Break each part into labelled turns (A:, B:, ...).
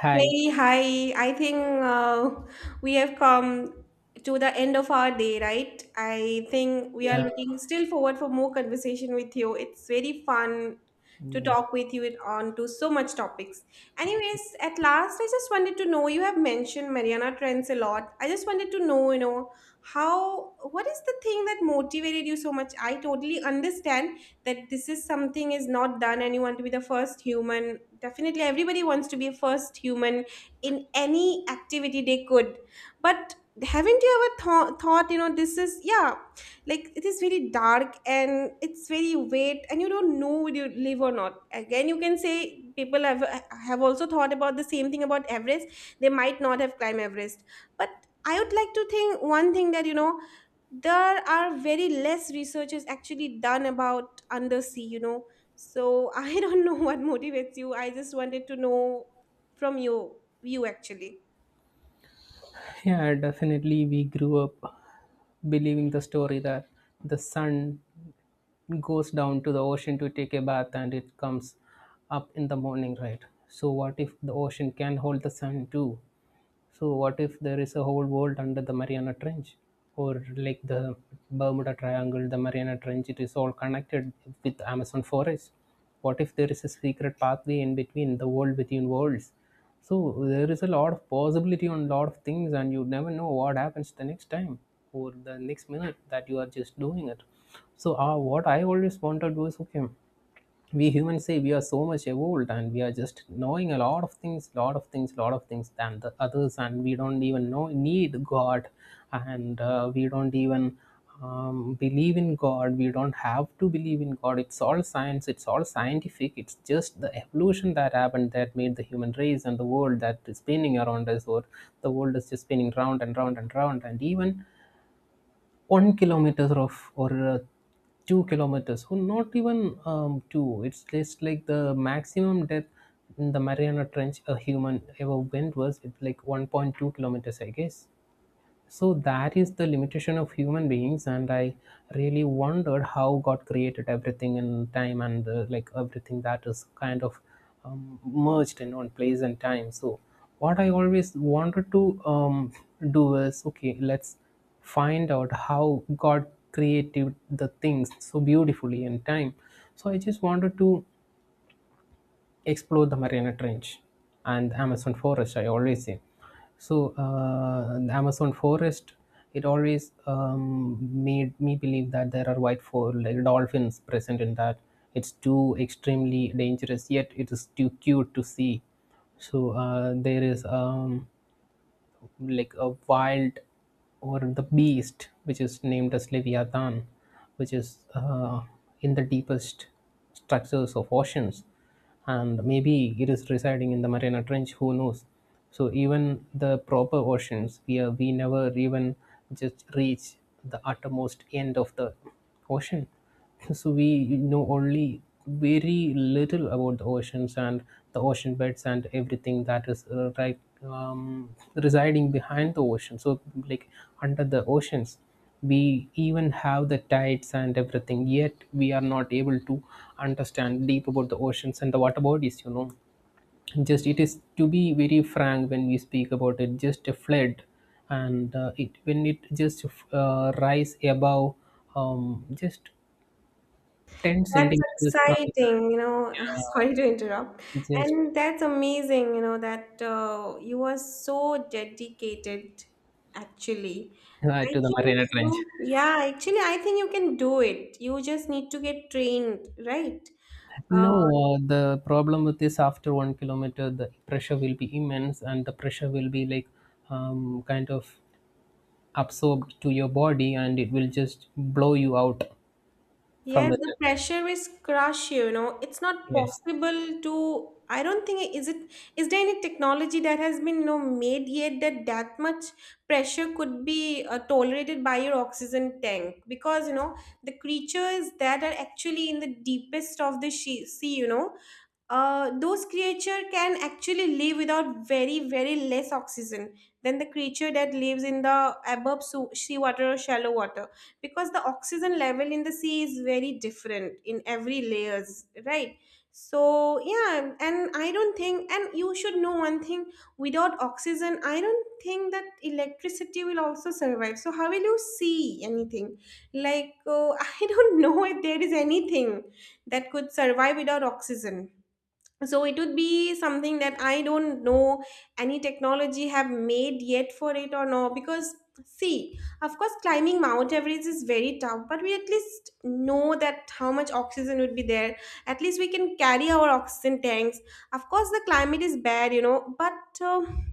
A: Hi.
B: Hey, hi. I think uh, we have come to the end of our day, right? I think we are
A: Yeah,
B: looking still forward for more conversation with you. It's very fun to
A: Yeah.
B: talk with you on to so much topics. Anyways, at last, I just wanted to know, you have mentioned Mariana trends a lot. I just wanted to know, how, what is the thing that motivated you so much? I totally understand that this is something is not done and you want to be the first human. Definitely everybody wants to be a first human in any activity they could, but haven't you ever thought, this is, yeah, like it is very dark and it's very weight and you don't know would you live or not. Again you can say people have also thought about the same thing about Everest. They might not have climbed Everest, but I would like to think one thing that, there are very less researches actually done about undersea. So, I don't know what motivates you. I just wanted to know from your view actually.
A: Yeah, definitely. We grew up believing the story that the sun goes down to the ocean to take a bath and it comes up in the morning, right? So, what if the ocean can hold the sun too? So, what if there is a whole world under the Mariana Trench or like the Bermuda Triangle, the Mariana Trench? It is all connected with Amazon forest. What if there is a secret pathway in between the world within worlds? So there is a lot of possibility on lot of things, and you never know what happens the next time or the next minute that you are just doing it. So what I always wanted was, okay, we humans say we are so much evolved and we are just knowing a lot of things lot of things lot of things than the others and we don't even know need god, and we don't even believe in god. We don't have to believe in god. It's all science. It's all scientific. It's just the evolution that happened that made the human race and the world that is spinning around us, or the world is just spinning round and round and round. And even 1 kilometer of or 2 kilometers or not even two, it's just like the maximum depth in the Mariana Trench a human ever went was, it's like 1.2 kilometers, I guess. So that is the limitation of human beings, and I really wondered how God created everything in time, and like everything that is kind of merged in one place and time. So what I always wanted to do is, okay, let's find out how God created the things so beautifully in time. So I just wanted to explore the Mariana Trench and Amazon forest, I always say. So. The Amazon forest, it always made me believe that there are white for like dolphins present in that. It's too extremely dangerous, yet it is too cute to see. So there is like a wild or the beast which is named as leviathan, which is uh, in the deepest structures of oceans, and maybe it is residing in the Mariana Trench. Who knows? So even the proper oceans, we never even just reach the uttermost end of the ocean. So we know only very little about the oceans and the ocean beds and everything that is right residing behind the ocean. So like under the oceans, we even have the tides and everything. Yet we are not able to understand deep about the oceans and the water bodies. You know, just it is to be very frank when we speak about it. Just a flood, and it when it just rise above just 10
B: That's
A: centimeters from
B: exciting. Sorry to interrupt.
A: just
B: And that's amazing, that you are so dedicated actually. I
A: to
B: think
A: the Marina Trench.
B: you, yeah, actually, I think you can do it. You just need to get trained, right? Uh.
A: No, the problem with this, after 1 kilometer, the pressure will be immense and the pressure will be like kind of absorbed to your body and it will just blow you out from
B: Yes, the
A: within.
B: pressure is crush, It's not
A: Yes.
B: possible to, I don't think, is it, is there any technology that has been, made yet that that much pressure could be tolerated by your oxygen tank? Because the creatures that are actually in the deepest of the sea, those creature can actually live without very very less oxygen than the creature that lives in the above sea water or shallow water, because the oxygen level in the sea is very different in every layers, right? So, yeah, and I don't think, and you should know one thing, without oxygen I don't think that electricity will also survive, so how will you see anything like I don't know if there is anything that could survive without oxygen. So it would be something that I don't know any technology have made yet for it or no, because see, of course climbing Mount Everest is very tough, but we at least know that how much oxygen would be there. At least we can carry our oxygen tanks. Of course, the climate is bad, but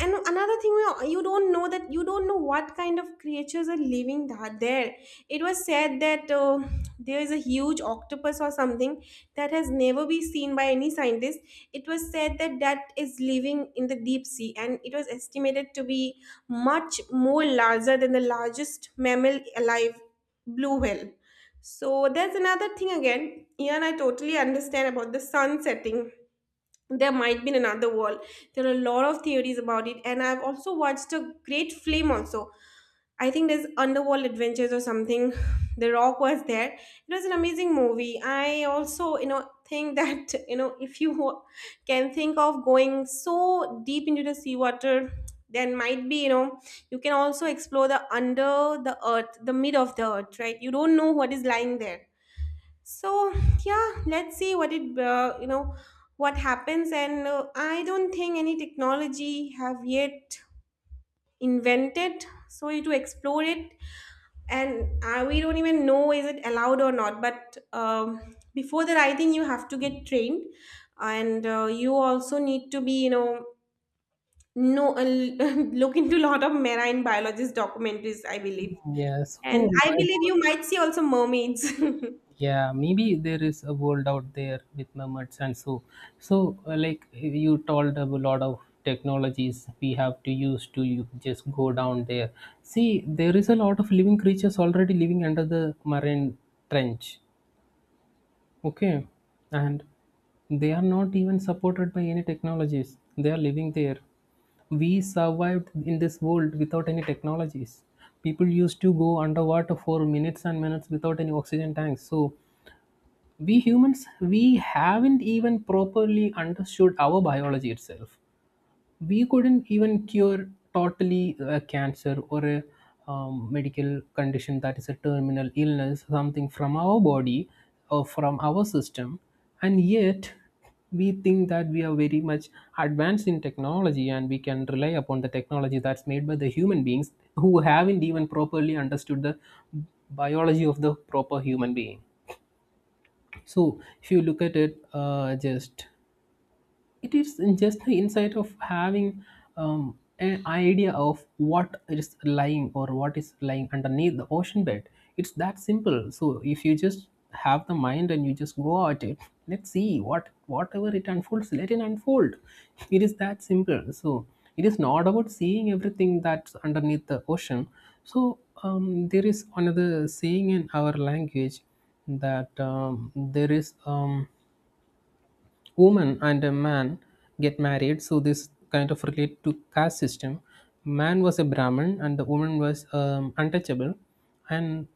B: and another thing, you don't know that you don't know what kind of creatures are living that there. It was said that there is a huge octopus or something that has never been seen by any scientist. It was said that that is living in the deep sea, and it was estimated to be much more larger than the largest mammal alive, blue whale. So that's another thing again, yeah, and I totally understand about the sun setting. There might be another world. There are a lot of theories about it, and I've also watched a great film also. I think there's Underworld Adventures or something. The Rock was there. It was an amazing movie. I also, think that if you can think of going so deep into the seawater, then might be, you can also explore the under the earth, the mid of the earth, right? You don't know what is lying there. So, yeah, let's see what it what happens. And I don't think any technology have yet invented so you to explore it. And we don't even know is it allowed or not. But before that, I think you have to get trained, and you also need to be no look into a lot of marine biologist documentaries, I believe.
A: Yeah.
B: And
A: So,
B: I believe you might see also mermaids.
A: yeah, maybe there is a world out there with mermaids and so. So like you told, a lot of technologies we have to use to you just go down there. See, there is a lot of living creatures already living under the marine trench, okay, and they are not even supported by any technologies. They are living there. We survived in this world without any technologies. People used to go underwater for minutes and minutes without any oxygen tanks. So we humans, we haven't even properly understood our biology itself. We couldn't even cure totally a cancer or a medical condition that is a terminal illness, something from our body or from our system. And yet we think that we are very much advanced in technology, and we can rely upon the technology that's made by the human beings who haven't even properly understood the biology of the proper human being. So if you look at it, just it is just the insight of having an idea of what is lying, or what is lying underneath the ocean bed. It's that simple. So if you just have the mind and you just go at it, let's see what whatever it unfolds, let it unfold. It is that simple. So it is not about seeing everything that's underneath the ocean. So there is another saying in our language that there is woman and a man get married. So this kind of relate to caste system. Man was a Brahmin and the woman was untouchable. And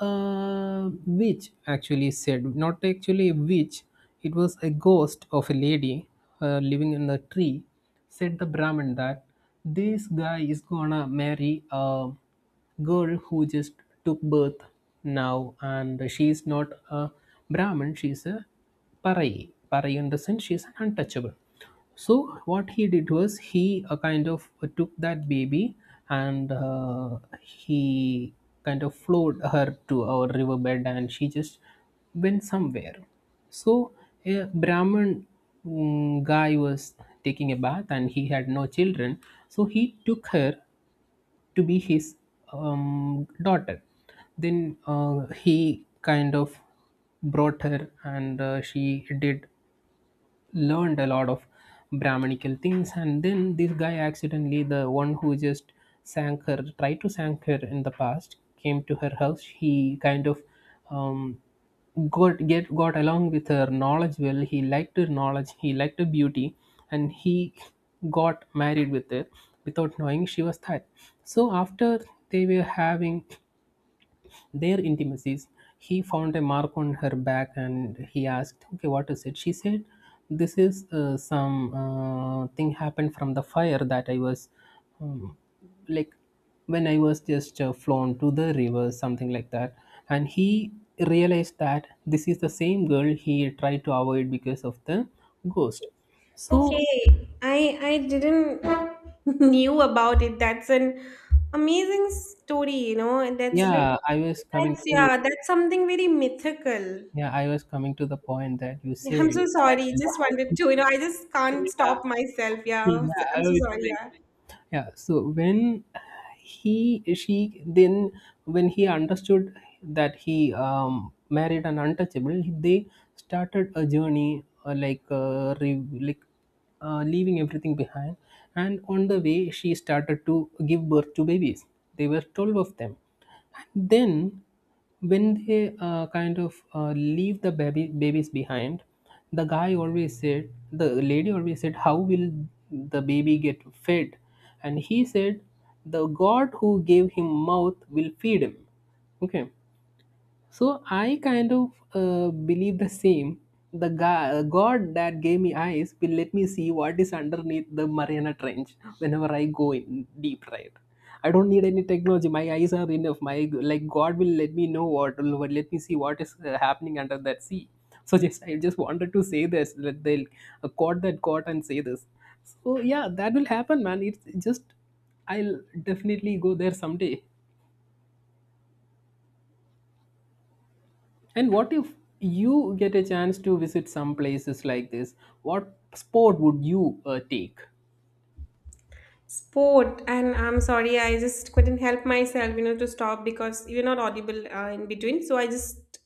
A: witch actually said, not actually a witch, it was a ghost of a lady living in the tree, said the Brahmin that this guy is gonna marry a girl who just took birth now, and she is not a Brahmin, she is a Parai. Parai in the sense she is an untouchable. So what he did was, he kind of took that baby, and he kind of flowed her to our riverbed, and she just went somewhere. So a brahmin guy was taking a bath and he had no children, so he took her to be his daughter. Then he kind of brought her, and she did learned a lot of Brahminical things, and then this guy, accidentally, the one who just sank her, tried to sank her in the past, came to her house. He kind of um, got along with her knowledge well. He liked her knowledge. He liked her beauty, and he got married with her without knowing she was that. So after they were having their intimacies, he found a mark on her back and he asked, "Okay, what is it?" She said, "This is some thing happened from the fire that I was um, like when I was just flown to the river, something like that." And he realized that this is the same girl he tried to avoid because of the ghost. So,
B: Okay, I didn't knew about it. That's an amazing story, and that's like
A: yeah, I was coming
B: that's,
A: to
B: yeah, that's something very mythical.
A: yeah, I was coming to the point that you
B: Yeah, I'm
A: said
B: so
A: that,
B: sorry.
A: you know,
B: Just
A: how.
B: wanted to, I just can't
A: yeah,
B: stop myself. Yeah, I'm
A: Yeah,
B: so
A: it's
B: sorry.
A: like,
B: Yeah,
A: yeah. So when he she then when he understood that he married an untouchable, they started a journey leaving everything behind. And on the way, she started to give birth to babies. There were 12 of them, then when they kind of leave the baby babies behind, the lady always said, "How will the baby get fed?" And he said, "The god who gave him mouth will feed him." Okay, so I kind of believe the same. The God that gave me eyes will let me see what is underneath the Mariana Trench whenever I go in deep, right? I don't need any technology. My eyes are enough. My like God will let me know what will let me see what is happening under that sea. So, just I just wanted to say this. Let they quote that quote and say this. So yeah, that will happen, man. It's just I'll definitely go there someday. And what if you get a chance to visit some places like this? What sport would you take?
B: sport, and I'm sorry. I just couldn't help myself, you know, to stop because you're not audible in between. So I just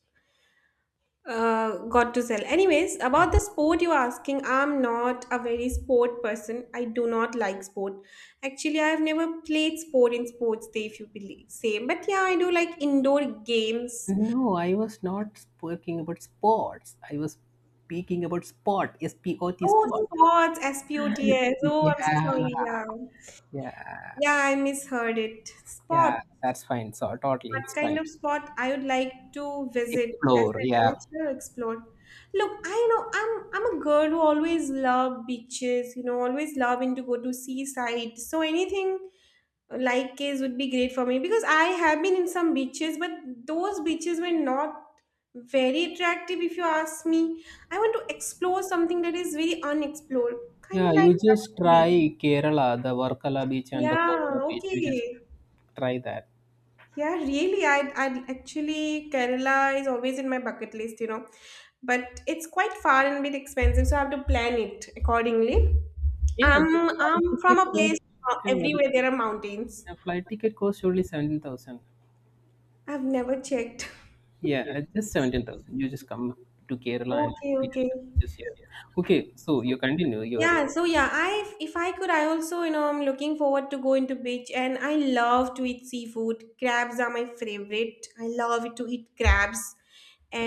B: got to sell. Anyways,
A: Yeah.
B: about the sport you're asking, I'm not a very sport person. I do not like sport. Actually, I've never played sport in sports day, if you believe. Same, but yeah, I do like indoor games.
A: No, I was not speaking about sports. I was speaking about sport. SPOT,
B: Oh,
A: sport.
B: sports, SPOTS. Oh, I'm
A: Yeah,
B: so sorry. Yeah,
A: yeah,
B: yeah, I misheard it.
A: yeah.
B: Sport.
A: That's fine. So totally, it's
B: What kind
A: fine.
B: of spot I would like to visit as
A: Explore.
B: an
A: Yeah.
B: adventure explore. Look, I know I'm a girl who always love beaches, you know, always loving to go to seaside. So anything like this would be great for me because I have been in some beaches, but those beaches were not very attractive if you ask me. I want to explore something that is very unexplored, kind
A: Yeah,
B: of like
A: you just
B: Lakshadweep.
A: try Kerala, the Varkala beach and the
B: Yeah,
A: Kovala beach. You just
B: okay.
A: try that.
B: Yeah, really. I actually Kerala is always in my bucket list, you know, but it's quite far and a bit expensive, so I have to plan it accordingly.
A: Yeah,
B: I'm
A: the flight
B: I'm from
A: ticket
B: a place,
A: cost. Yeah, the
B: everywhere there are mountains.
A: the flight ticket costs only 17,000.
B: I've never checked.
A: Yeah, just 17,000. You just come to Kerala and
B: Okay,
A: experience
B: okay.
A: the beaches here. Okay, so you continue your.
B: Yeah, so yeah, I if I could, I also, I'm looking forward to going to beach, and I love to eat seafood. Crabs are my favorite. I love to eat crabs,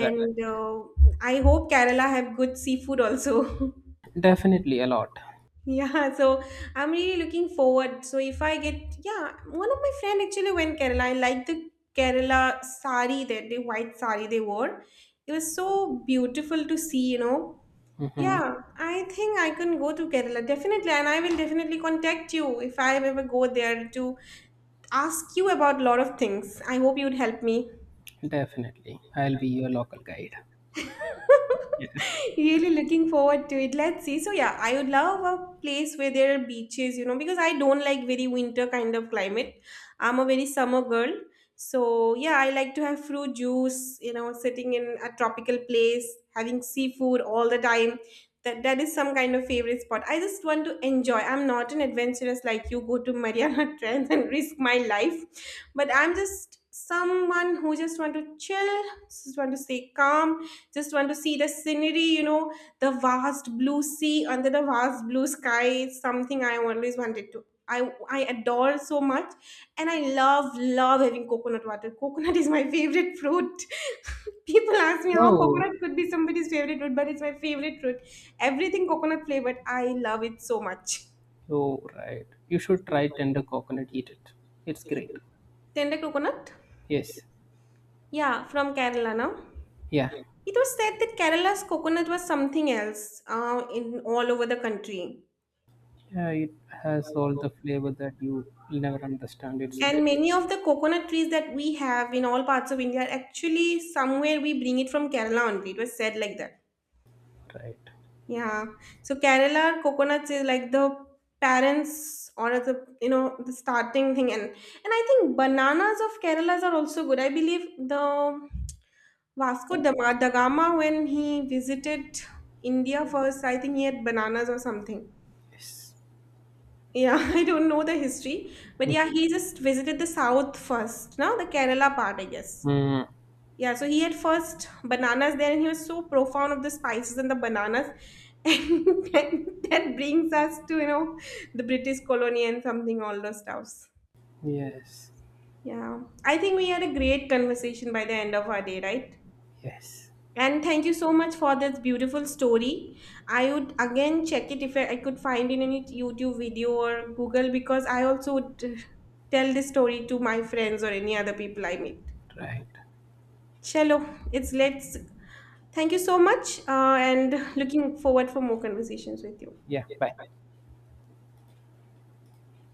A: Right.
B: uh, I hope Kerala have good seafood also.
A: Definitely a lot.
B: Yeah, so I'm really looking forward. So if I get, yeah, one of my friend actually went Kerala. I like the Kerala sari that the white sari they wore. It was so beautiful to see, you know.
A: Mm-hmm.
B: Yeah, I think I can go to Kerala definitely, and I will definitely contact you if I ever go there to ask you about a lot of things. I hope you'd help me.
A: Definitely. I'll be your local guide. Yeah.
B: Really looking forward to it. Let's see. So yeah, I would love a place where there are beaches, you know, because I don't like very winter kind of climate. I'm a very summer girl. So yeah, I like to have fruit juice, you know, sitting in a tropical place, having seafood all the time. That is some kind of favorite spot. I just want to enjoy. I'm not an adventurous, like you go to Mariana Trench and risk my life, but I'm just someone who just want to chill, just want to stay calm, just want to see the scenery, the vast blue sea under the vast blue sky is something I always wanted to, i I adore so much. And I love love having coconut water. Coconut is my favorite fruit. People ask me how
A: Oh,
B: coconut could be somebody's favorite fruit, but it's my favorite fruit. Everything coconut flavored, I love it so much.
A: oh, right. You should try tender coconut, eat it. It's great.
B: Tender coconut,
A: Yes.
B: yeah, from Kerala now.
A: Yeah.
B: It was said that Kerala's coconut was something else, in all over the country.
A: Yeah, it has all the flavor that you will never understand. It's great.
B: And many of the coconut trees that we have in all parts of India are actually somewhere we bring it from Kerala only. It was said like that.
A: Right.
B: Yeah. So Kerala coconuts is like the parents or the you know the starting thing, and I think bananas of Kerala's are also good. I believe the Vasco da da Gama, when he visited India first, I think he had bananas or something.
A: Yes.
B: Yeah, I don't know the history, but yeah, he just visited the south first, now the Kerala part, I guess.
A: Mm.
B: Yeah, so he had first bananas there, and he was so profound of the spices and the bananas, and then that brings us to, you know, the British colony and something all those stuffs.
A: Yes.
B: Yeah, I think we had a great conversation by the end of our day, right?
A: Yes.
B: And thank you so much for this beautiful story. I would again check it if I could find in any YouTube video or Google because I also would tell this story to my friends or any other people I meet.
A: Right.
B: Chalo, it's let's. Thank you so much, and looking forward for more conversations with you.
A: Yeah. Bye.